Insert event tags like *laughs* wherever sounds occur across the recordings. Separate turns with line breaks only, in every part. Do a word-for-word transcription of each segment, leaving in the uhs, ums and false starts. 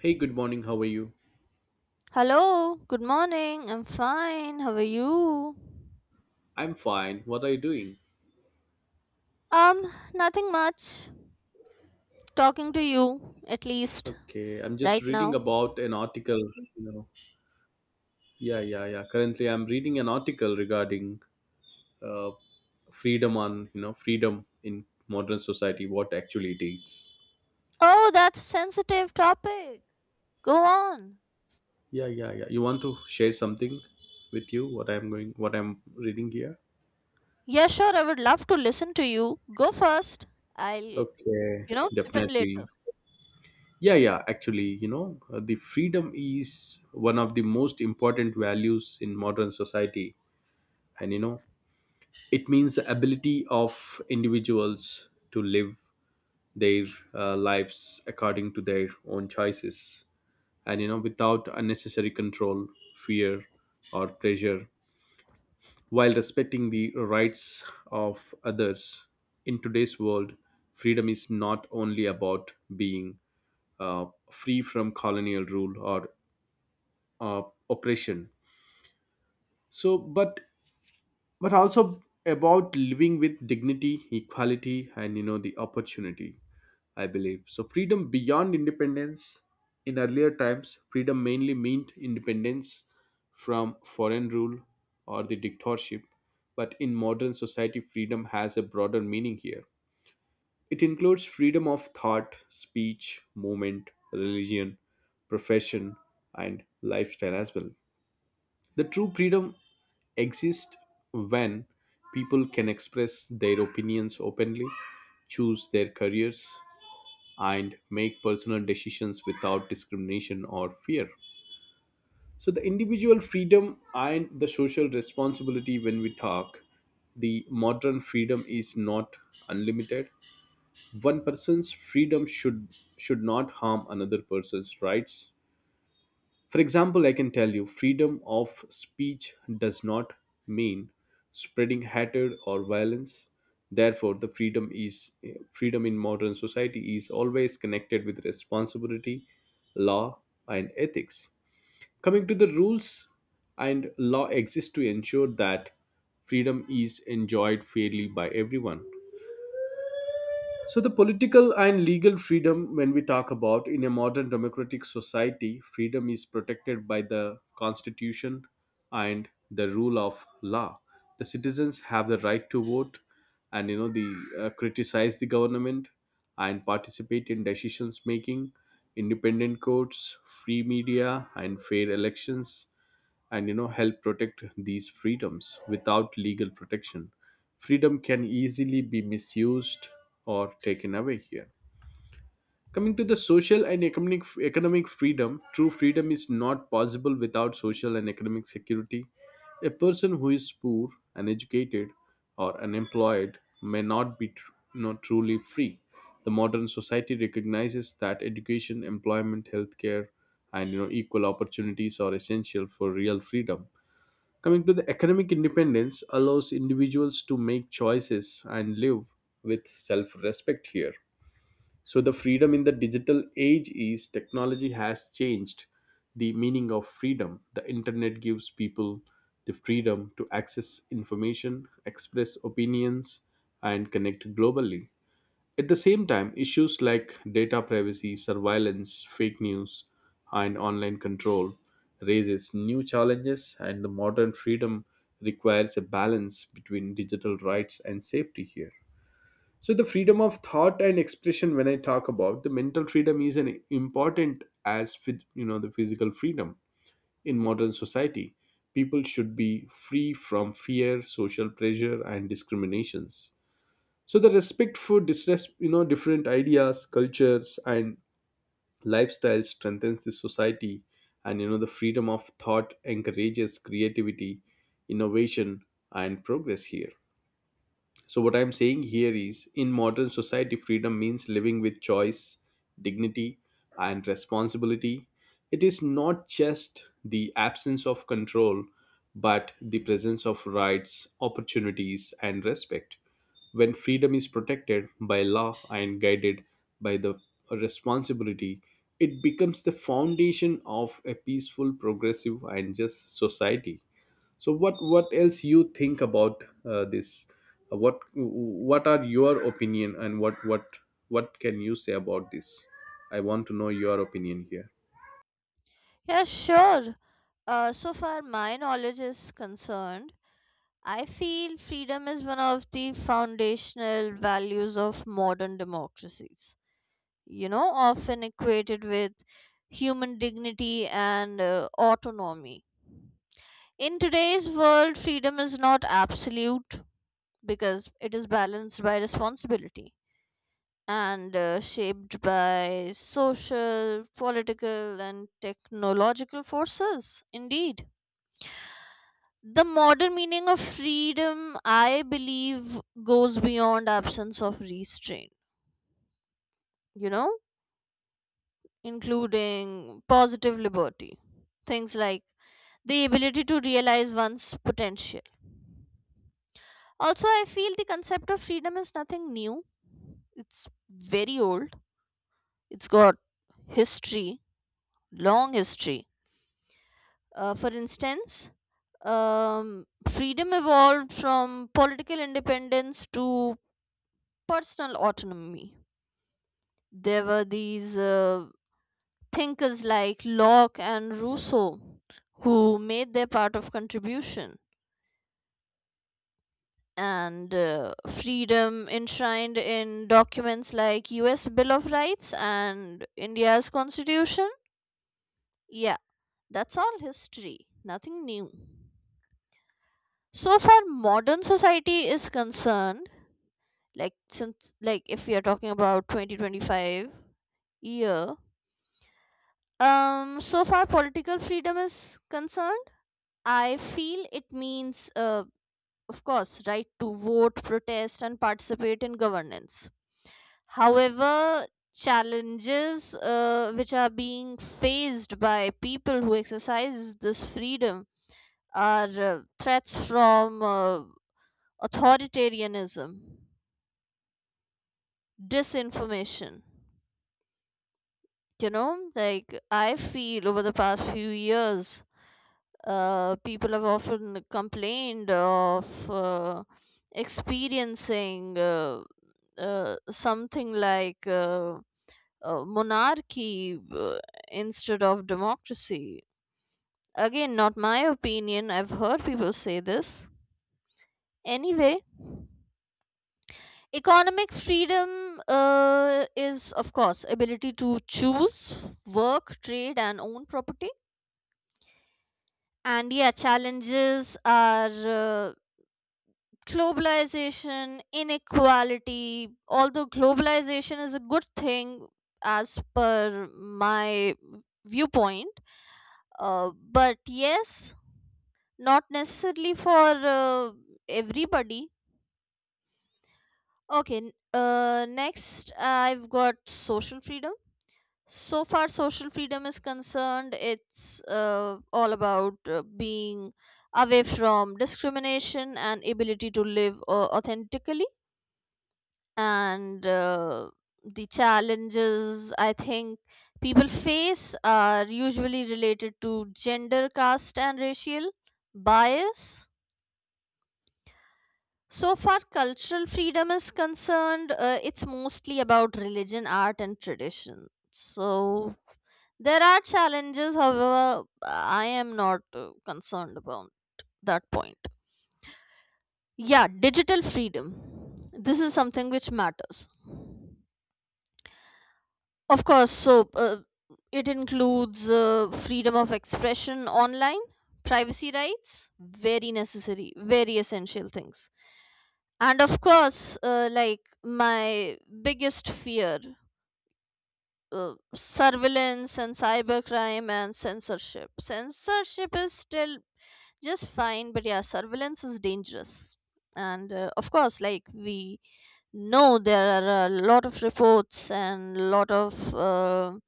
Hey, good morning. How are you?
Hello, good morning. I'm fine. How are you?
I'm fine. What are you doing?
Um, Nothing much. Talking to you, at least,
Okay, I'm just
right
reading
now.
about an article. You know, yeah, yeah, yeah. Currently, I'm reading an article regarding uh, freedom on you know freedom in modern society. What actually it is?
Oh, that's a sensitive topic. Go on.
Yeah, yeah, yeah. You want to share something with you? What I'm going, what I'm reading here?
Yeah, sure, I would love to listen to you. Go first. I'll, you
Okay,
know, chip in later.
definitely. Yeah, yeah. Actually, you know, uh, the freedom is one of the most important values in modern society, and you know it means the ability of individuals to live their uh, lives according to their own choices and you know without unnecessary control, fear, or pressure, while respecting the rights of others. In today's world, freedom is not only about being uh, free from colonial rule or uh, oppression, so but but also about living with dignity, equality, and you know the opportunity, I believe. So, freedom beyond independence: in earlier times, freedom mainly meant independence from foreign rule or the dictatorship, but in modern society, freedom has a broader meaning here. It includes freedom of thought, speech, movement, religion, profession, and lifestyle as well. The true freedom exists when people can express their opinions openly, choose their careers, and make personal decisions without discrimination or fear. So, the individual freedom and the social responsibility, when we talk, the modern freedom is not unlimited. One person's freedom should should not harm another person's rights. For example, I can tell you, freedom of speech does not mean spreading hatred or violence. Therefore, the freedom is, freedom in modern society is always connected with responsibility, law, and ethics. Coming to the rules and law, exist to ensure that freedom is enjoyed fairly by everyone. So, the political and legal freedom, when we talk about, in a modern democratic society, freedom is protected by the constitution and the rule of law. The citizens have the right to vote and you know the uh, criticize the government and participate in decisions making. Independent courts, free media, and fair elections, and you know help protect these freedoms. Without legal protection, freedom can easily be misused or taken away here. Coming to the social and economic economic freedom, true freedom is not possible without social and economic security. A person who is poor, uneducated, or unemployed may not be tr- not truly free. The modern society recognizes that education, employment, healthcare, and you know equal opportunities are essential for real freedom. Coming to the economic independence, allows individuals to make choices and live with self respect here. So, the freedom in the digital age is, technology has changed the meaning of freedom. The internet gives people the freedom to access information, express opinions, and connect globally. At the same time, issues like data privacy, surveillance, fake news, and online control raises new challenges, and the modern freedom requires a balance between digital rights and safety here. So, the freedom of thought and expression, when I talk about the mental freedom, is an important as with you know the physical freedom in modern society. People should be free from fear, social pressure, and discriminations. So the respect for distress, you know different ideas, cultures, and lifestyles strengthens the society, and you know the freedom of thought encourages creativity, innovation, and progress here. So, what I'm saying here is, in modern society, freedom means living with choice, dignity, and responsibility. It is not just the absence of control, but the presence of rights, opportunities, and respect. When freedom is protected by law and guided by the responsibility, it becomes the foundation of a peaceful, progressive, and just society. So, what what else you think about uh, this? Uh, what what are your opinion, and what what what can you say about this? I want to know your opinion here.
Yeah, sure. Uh, so far, my knowledge is concerned. I feel freedom is one of the foundational values of modern democracies, you know, often equated with human dignity and uh, autonomy. In today's world, freedom is not absolute because it is balanced by responsibility and uh, shaped by social, political, and technological forces. Indeed. The modern meaning of freedom, I believe, goes beyond absence of restraint, you know, including positive liberty. Things like the ability to realize one's potential. Also, I feel the concept of freedom is nothing new. It's very old. It's got history, long history. Uh, for instance, um, freedom evolved from political independence to personal autonomy. There were these uh, thinkers like Locke and Rousseau who made their part of contribution, and uh, freedom enshrined in documents like U S Bill of Rights and India's Constitution. Yeah, that's all history, nothing new. So far modern society is concerned, like since like if we are talking about twenty twenty-five year, um so far political freedom is concerned, I feel it means uh, of course, right to vote, protest, and participate in governance. However, challenges uh, which are being faced by people who exercise this freedom are uh, threats from uh, authoritarianism, disinformation. You know, like I feel over the past few years, uh, people have often complained of uh, experiencing. Uh, uh, something like uh, uh, monarchy uh, instead of democracy. Again, not my opinion. I've heard people say this. Anyway, economic freedom uh, is, of course, ability to choose work, trade, and own property. And yeah, challenges are uh, globalization, inequality. Although globalization is a good thing as per my viewpoint. Uh, but yes, not necessarily for uh, everybody. Okay, n- uh, next I've got social freedom. So far, social freedom is concerned, it's uh, all about uh, being away from discrimination and ability to live uh, authentically. And uh, the challenges I think people face are usually related to gender, caste, and racial bias. So far, cultural freedom is concerned, uh, it's mostly about religion, art, and tradition. So there are challenges, however, I am not uh, concerned about that point. Yeah, digital freedom. This is something which matters. Of course, so uh, it includes uh, freedom of expression online, privacy rights, very necessary, very essential things. And of course, uh, like my biggest fear uh, surveillance and cybercrime and censorship. Censorship is still just fine, but yeah, surveillance is dangerous. And uh, of course, like we know, there are a lot of reports and lot of. Uh,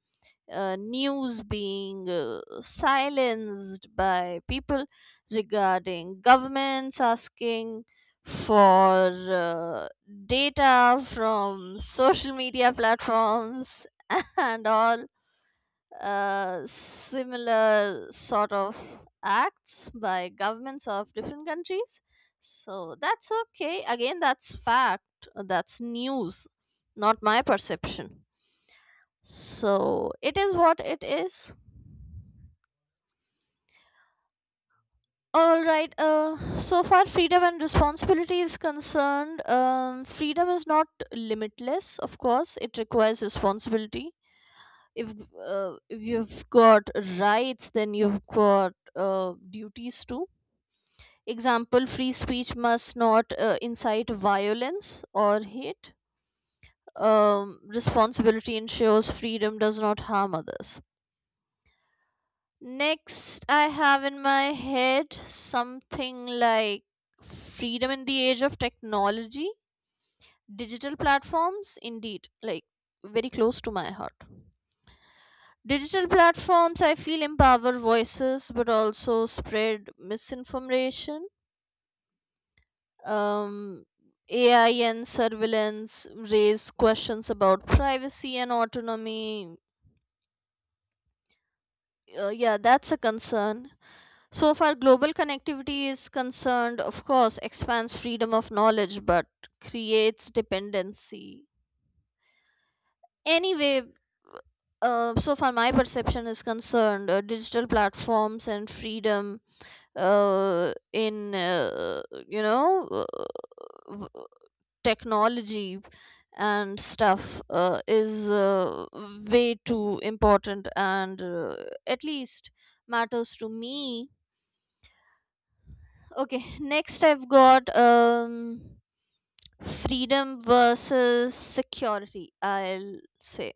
uh, News being uh, silenced by people regarding governments asking for uh, data from social media platforms *laughs* and all uh, similar sort of acts by governments of different countries. So that's okay. Again, that's fact. That's news, not my perception. So it is what it is. All right. Uh, so far, freedom and responsibility is concerned. Um, freedom is not limitless, of course. It requires responsibility. If uh, if you've got rights, then you've got uh, duties too. Example: free speech must not uh, incite violence or hate. Um, responsibility ensures freedom does not harm others. Next, I have in my head something like freedom in the age of technology, digital platforms, indeed, like very close to my heart. Digital platforms, I feel, empower voices but also spread misinformation. Um, A I and surveillance raise questions about privacy and autonomy. Uh, yeah, that's a concern. So far, global connectivity is concerned, of course, expands freedom of knowledge but creates dependency. Anyway, uh, so far my perception is concerned, uh, digital platforms and freedom uh, in uh, you know uh, v- technology and stuff uh, is uh, way too important and uh, at least matters to me. Okay, next I've got um freedom versus security, I'll say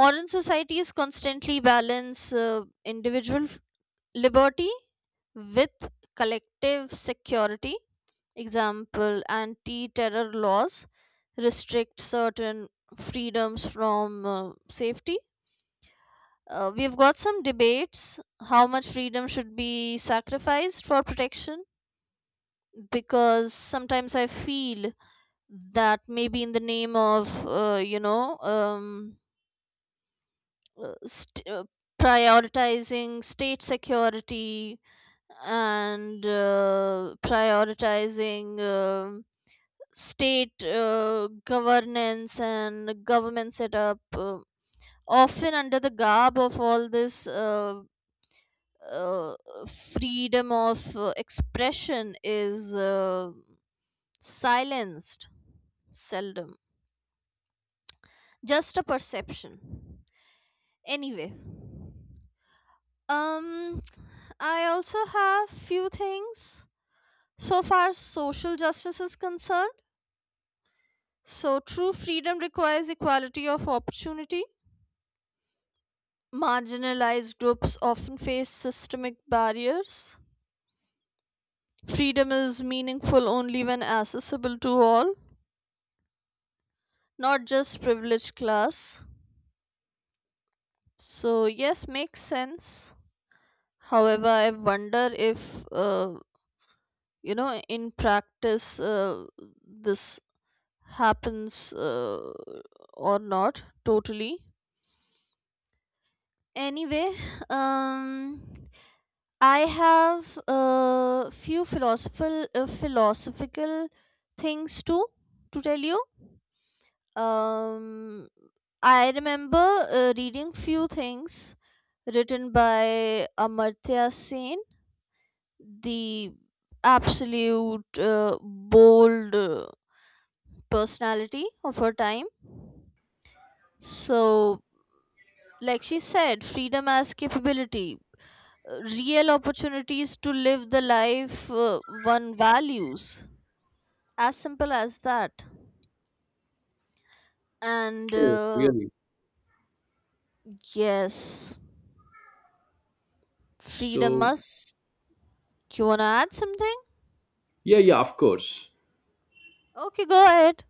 modern societies constantly balance uh, individual f- liberty with collective security. Example: anti-terror laws restrict certain freedoms from uh, safety. Uh, we've got some debates how much freedom should be sacrificed for protection, because sometimes I feel that may be in the name of uh, you know um, uh, st- uh, prioritizing state security and uh, prioritizing um state uh, governance and government setup, uh, often under the garb of all this uh, uh, freedom of uh, expression is uh, silenced seldom. Just a perception. Anyway, um I also have few things so far as social justice is concerned. So true freedom requires equality of opportunity. Marginalized groups often face systemic barriers. Freedom is meaningful only when accessible to all, not just privileged class. So yes, makes sense. However, I wonder if uh, you know in practice uh, this happens uh, or not totally. Anyway, um I have a few philosophical uh, philosophical things to to tell you. um I remember uh, reading few things written by Amartya Sen, the absolute uh, bold uh, personality of her time. So like she said, freedom as capability, uh, real opportunities to live the life uh, one values. As simple as that. And
Oh,
uh,
really?
yes, freedom
So,
must. You want to add something?
yeah, yeah, of course.
Okay, go ahead.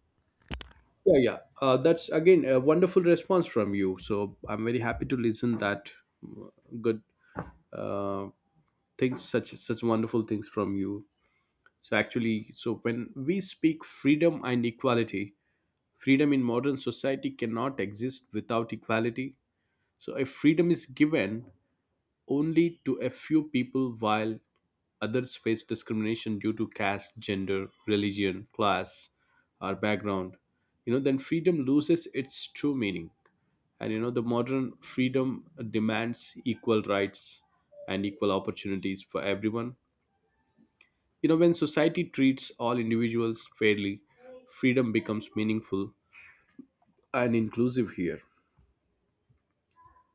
Yeah, yeah. Uh, that's again a wonderful response from you, so I'm very happy to listen that. Mm. Good. uh, Things, such such wonderful things from you. So actually, so when we speak freedom and equality, freedom in modern society cannot exist without equality. So, if freedom is given only to a few people while others face discrimination due to caste, gender, religion, class, or background, you know, then freedom loses its true meaning. And you know, the modern freedom demands equal rights and equal opportunities for everyone. You know, when society treats all individuals fairly, freedom becomes meaningful and inclusive here.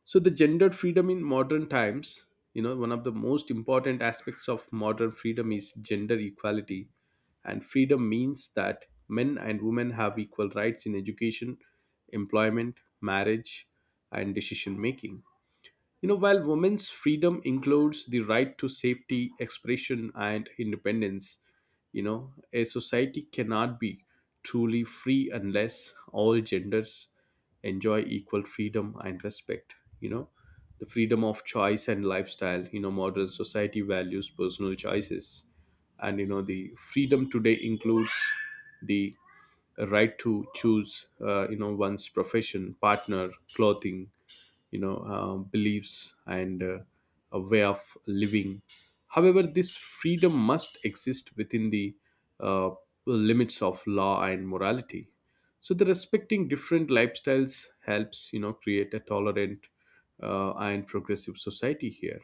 So the gender freedom in modern times, you know, one of the most important aspects of modern freedom is gender equality. And freedom means that men and women have equal rights in education, employment, marriage, and decision making. You know, while women's freedom includes the right to safety, expression, and independence, you know, a society cannot be truly free unless all genders enjoy equal freedom and respect. You know, the freedom of choice and lifestyle, you know, modern society values personal choices. And, you know, the freedom today includes the right to choose, uh, you know, one's profession, partner, clothing, you know uh, beliefs, and uh, a way of living. However, this freedom must exist within the uh, limits of law and morality. So the respecting different lifestyles helps, you know create a tolerant uh, and progressive society here.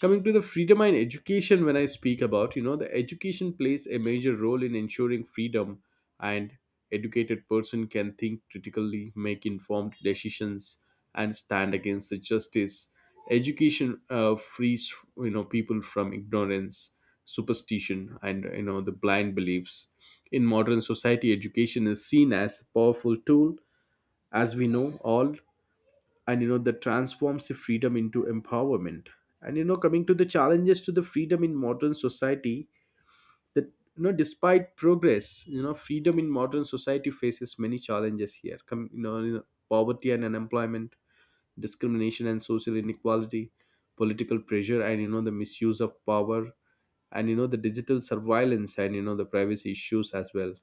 Coming to the freedom and education, when I speak about, you know, the education plays a major role in ensuring freedom, and educated person can think critically, make informed decisions, and stand against the justice. Education uh, frees, you know, people from ignorance, superstition, and you know the blind beliefs. In modern society, education is seen as a powerful tool, as we know all, and you know that transforms the freedom into empowerment. And you know, coming to the challenges to the freedom in modern society, that you know, despite progress, you know, freedom in modern society faces many challenges here. Come you know, you know poverty and unemployment, discrimination and social inequality, political pressure, and you know, the misuse of power, and you know, the digital surveillance, and you know, the privacy issues as well,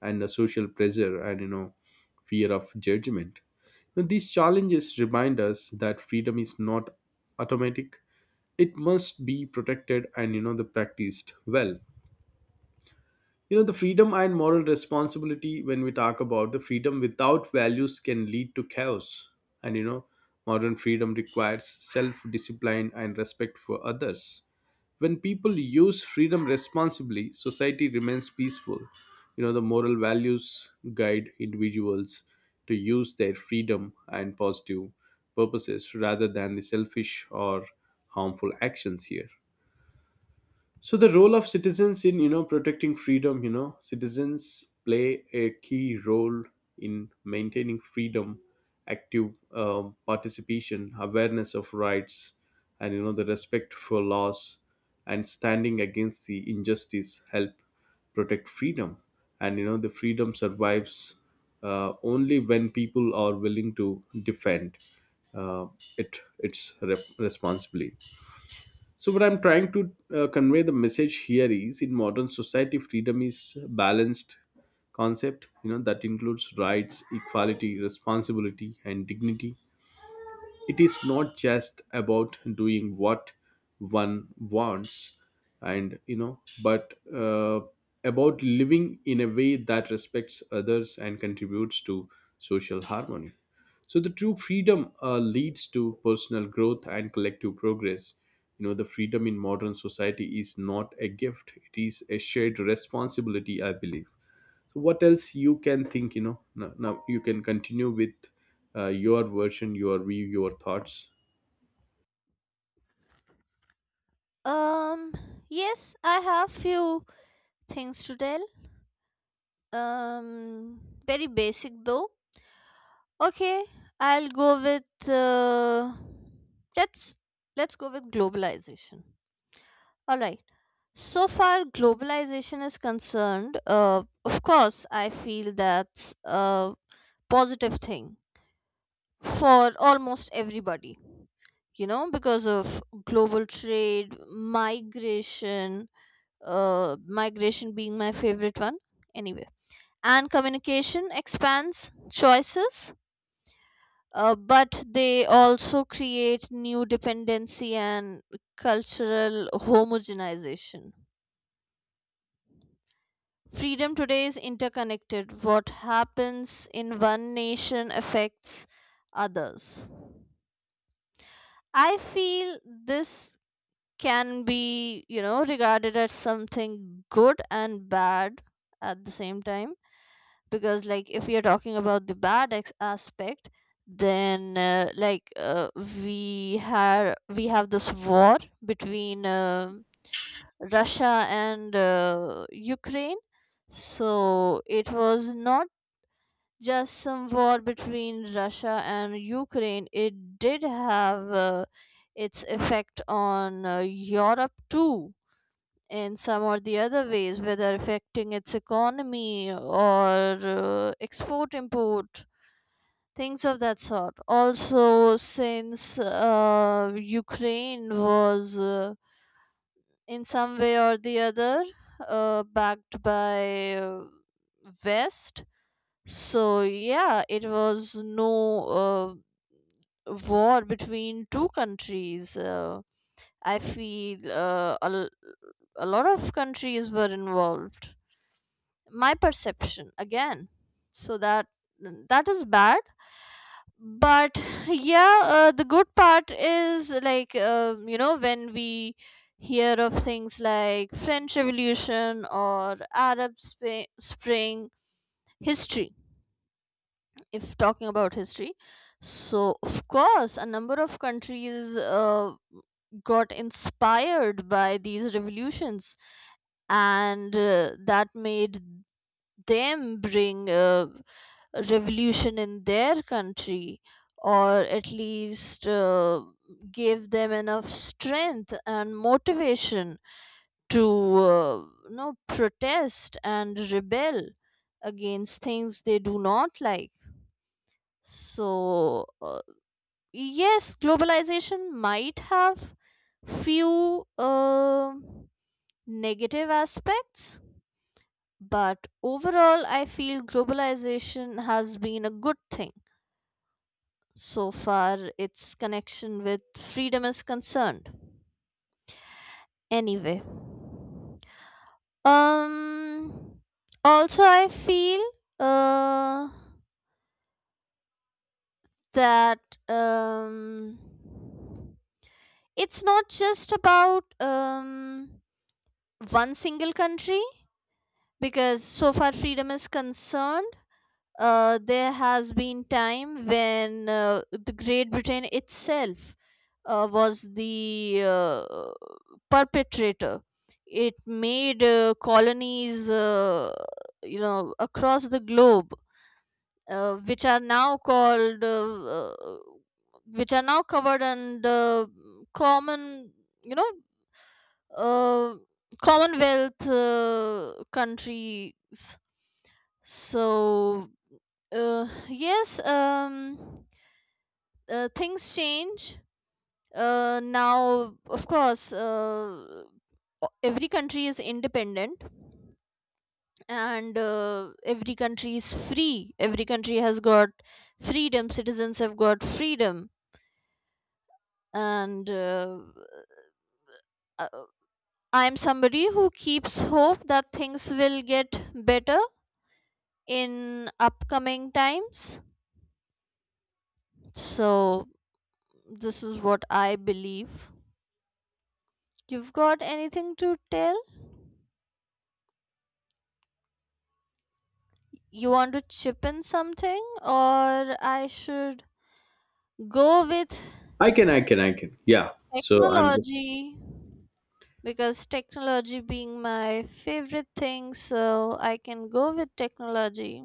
and the social pressure, and you know, fear of judgment. Now, these challenges remind us that freedom is not automatic. It must be protected, and you know, the practiced well. You know, the freedom and moral responsibility, when we talk about, the freedom without values can lead to chaos, and you know, modern freedom requires self discipline and respect for others. When people use freedom responsibly, society remains peaceful. You know, the moral values guide individuals to use their freedom and positive purposes rather than the selfish or harmful actions here. So the role of citizens in, you know, protecting freedom, you know, citizens play a key role in maintaining freedom. Active um, participation, awareness of rights, and you know, the respect for laws, and standing against the injustice help protect freedom. And you know, the freedom survives uh, only when people are willing to defend uh, it its rep- responsibly. So, what I'm trying to uh, convey the message here is, in modern society, freedom is a balanced concept, you know, that includes rights, equality, responsibility, and dignity. It is not just about doing what one wants, and you know, but uh, about living in a way that respects others and contributes to social harmony. So the true freedom uh, leads to personal growth and collective progress. You know, the freedom in modern society is not a gift, it is a shared responsibility, I believe. So, what else you can think? You know, now, now you can continue with uh, your version, your view, your thoughts.
um yes, I have few things to tell. um very basic though. Okay, I'll go with uh, let's let's go with globalization. All right. So far, globalization is concerned, uh, of course, I feel that's a positive thing for almost everybody, you know, because of global trade, migration, uh, migration being my favorite one, anyway. And communication expands choices, uh, but they also create new dependency and cultural homogenization. Freedom today is interconnected. What happens in one nation affects others. I feel this can be, you know, regarded as something good and bad at the same time. Because, like, if we are talking about the bad ex- aspect, then uh, like uh, we have we have this war between uh, Russia and uh, Ukraine. So it was not just some war between Russia and Ukraine, it did have uh, its effect on uh, Europe too, in some or the other ways, whether affecting its economy or uh, export import, things of that sort. Also, since uh, Ukraine was uh, in some way or the other uh, backed by uh, West, so yeah, it was no uh, war between two countries. Uh, I feel uh, a, l- a lot of countries were involved. My perception again. So that that is bad. But *sighs* yeah, uh, the good part is like uh, you know when we hear of things like French Revolution or Arab Sp- Spring. History. If talking about history, so of course a number of countries uh, got inspired by these revolutions, and uh, that made them bring uh, a revolution in their country, or at least uh, gave them enough strength and motivation to uh, you know protest and rebel against things they do not like. So uh, yes, globalization might have few um negative aspects, but overall I feel globalization has been a good thing so far its connection with freedom is concerned. Anyway, um also I feel uh that um it's not just about um, one single country, because so far freedom is concerned, uh, there has been time when uh, the Great Britain itself uh, was the uh, perpetrator. It made uh, colonies uh, you know across the globe, uh, which are now called uh, uh, which are now covered under common, you know, uh, Commonwealth uh, countries. So uh, yes, um, uh, things change. Uh, now, of course, uh, o- every country is independent and uh, every country is free. Every country has got freedom, citizens have got freedom. And uh, uh, I'm somebody who keeps hope that things will get better in upcoming times. So, this is what I believe. You've got anything to tell? You want to chip in something, or I should go with
I can i can i can, yeah. So I'm just,
technology? Because technology being my favorite thing, so I can go with technology.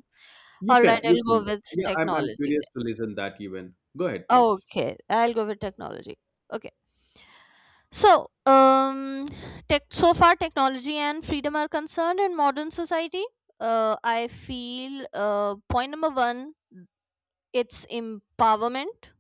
you
All
can
right,
you
I'll
can
go with
yeah. I'm, I'm
technology
curious
then.
to listen that, even go ahead please.
Okay, I'll go with technology. Okay. So, um, tech, so far technology and freedom are concerned in modern society. Uh, I feel uh, point number one, it's empowerment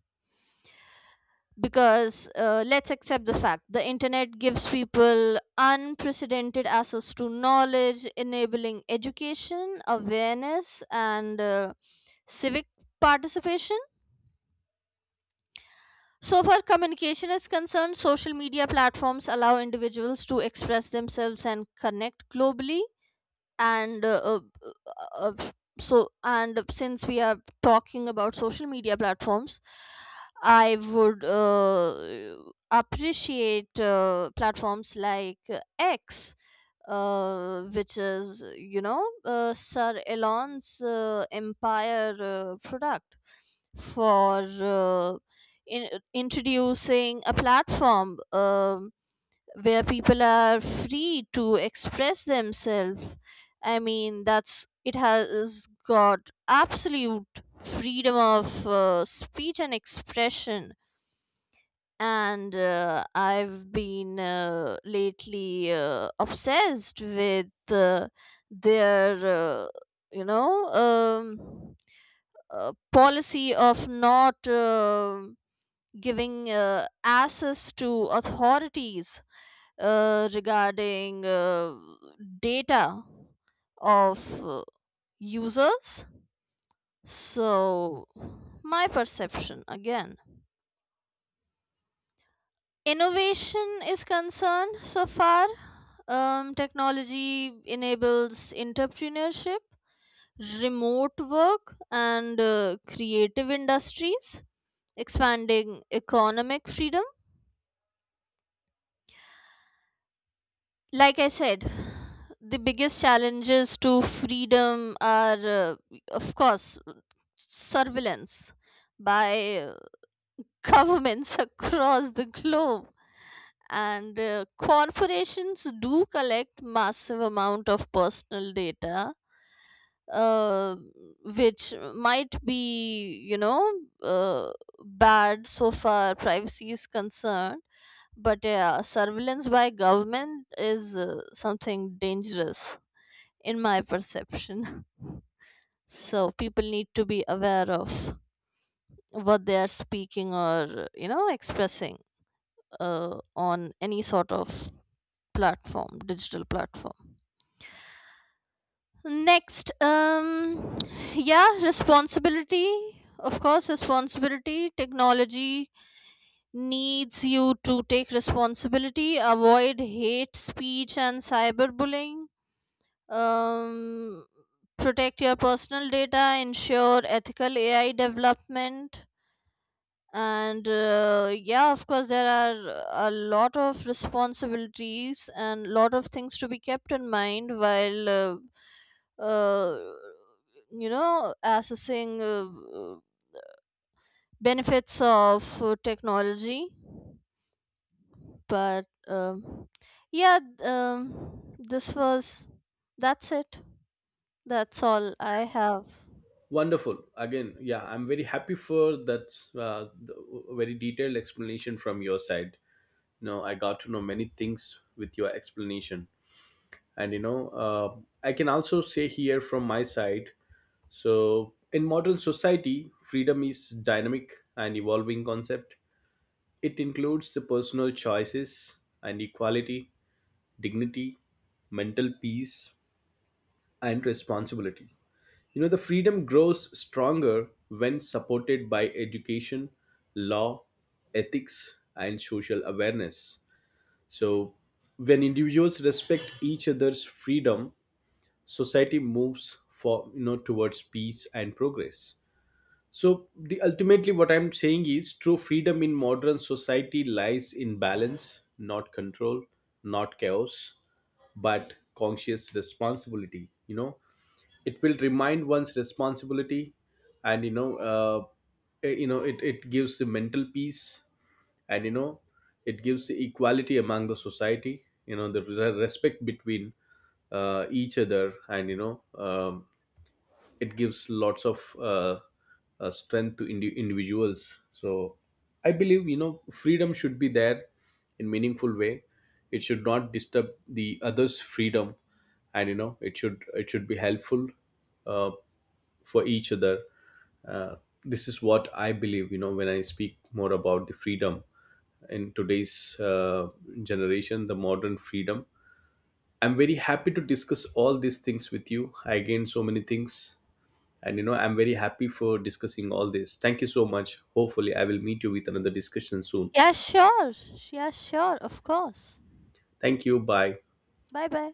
because uh, let's accept the fact the internet gives people unprecedented access to knowledge, enabling education, awareness, and uh, civic participation. So far, communication is concerned, social media platforms allow individuals to express themselves and connect globally, and uh, uh, uh, uh, so, and since we are talking about social media platforms, I would uh, appreciate uh, platforms like uh, X, uh, which is you know uh, sir Elon's uh, empire uh, product, for uh, in, introducing a platform um where people are free to express themselves. I mean, that's it has got absolute freedom of uh, speech and expression. And uh, I've been uh, lately uh, obsessed with uh, their, uh, you know, um, uh, policy of not uh, giving uh, access to authorities uh, regarding uh, data of uh, users. So, my perception again. Innovation is concerned so far. Um, technology enables entrepreneurship, remote work, and uh, creative industries, expanding economic freedom. Like I said, the biggest challenges to freedom are uh, of course surveillance by uh, *laughs* governments across the globe, and uh, corporations do collect massive amount of personal data, uh, which might be you know uh, bad so far privacy is concerned, but yeah surveillance by government is uh, something dangerous in my perception. *laughs* So people need to be aware of what they are speaking or you know expressing uh, on any sort of platform, digital platform. Next, um, yeah, responsibility. Of course, responsibility. Technology needs you to take responsibility, avoid hate speech and cyberbullying, um, protect your personal data, ensure ethical A I development, and uh, yeah, of course, there are a lot of responsibilities and lot of things to be kept in mind while uh, uh, you know assessing uh, benefits of uh, technology. But um, yeah, um, this was that's it. That's all I have.
Wonderful again. Yeah, I'm very happy for that. Uh, the very detailed explanation from your side, you know, I got to know many things with your explanation. And you know, uh, I can also say here from my side, so in modern society, freedom is dynamic and evolving concept. It includes the personal choices and equality, dignity, mental peace, and responsibility. You know, the freedom grows stronger when supported by education, law, ethics, and social awareness. So, when individuals respect each other's freedom, society moves for, you know, towards peace and progress. So the ultimately what I'm saying is, true freedom in modern society lies in balance, not control, not chaos, but conscious responsibility. You know, it will remind one's responsibility, and you know uh, eh, you know, it, it gives the mental peace, and you know it gives the equality among the society, you know, the re- respect between uh, each other, and you know um, it gives lots of uh, uh, strength to indi- individuals. So I believe, you know, freedom should be there in meaningful way. It should not disturb the others freedom, and you know it should it should be helpful uh, for each other. uh, this is what I believe, you know, when I speak more about the freedom in today's uh, generation, the modern freedom. I'm very happy to discuss all these things with you. I gained so many things, and you know, I'm very happy for discussing all this. Thank you so much. Hopefully, I will meet you with another discussion soon.
Yeah, sure. Yeah, sure. Of course.
Thank you. Bye.
Bye bye.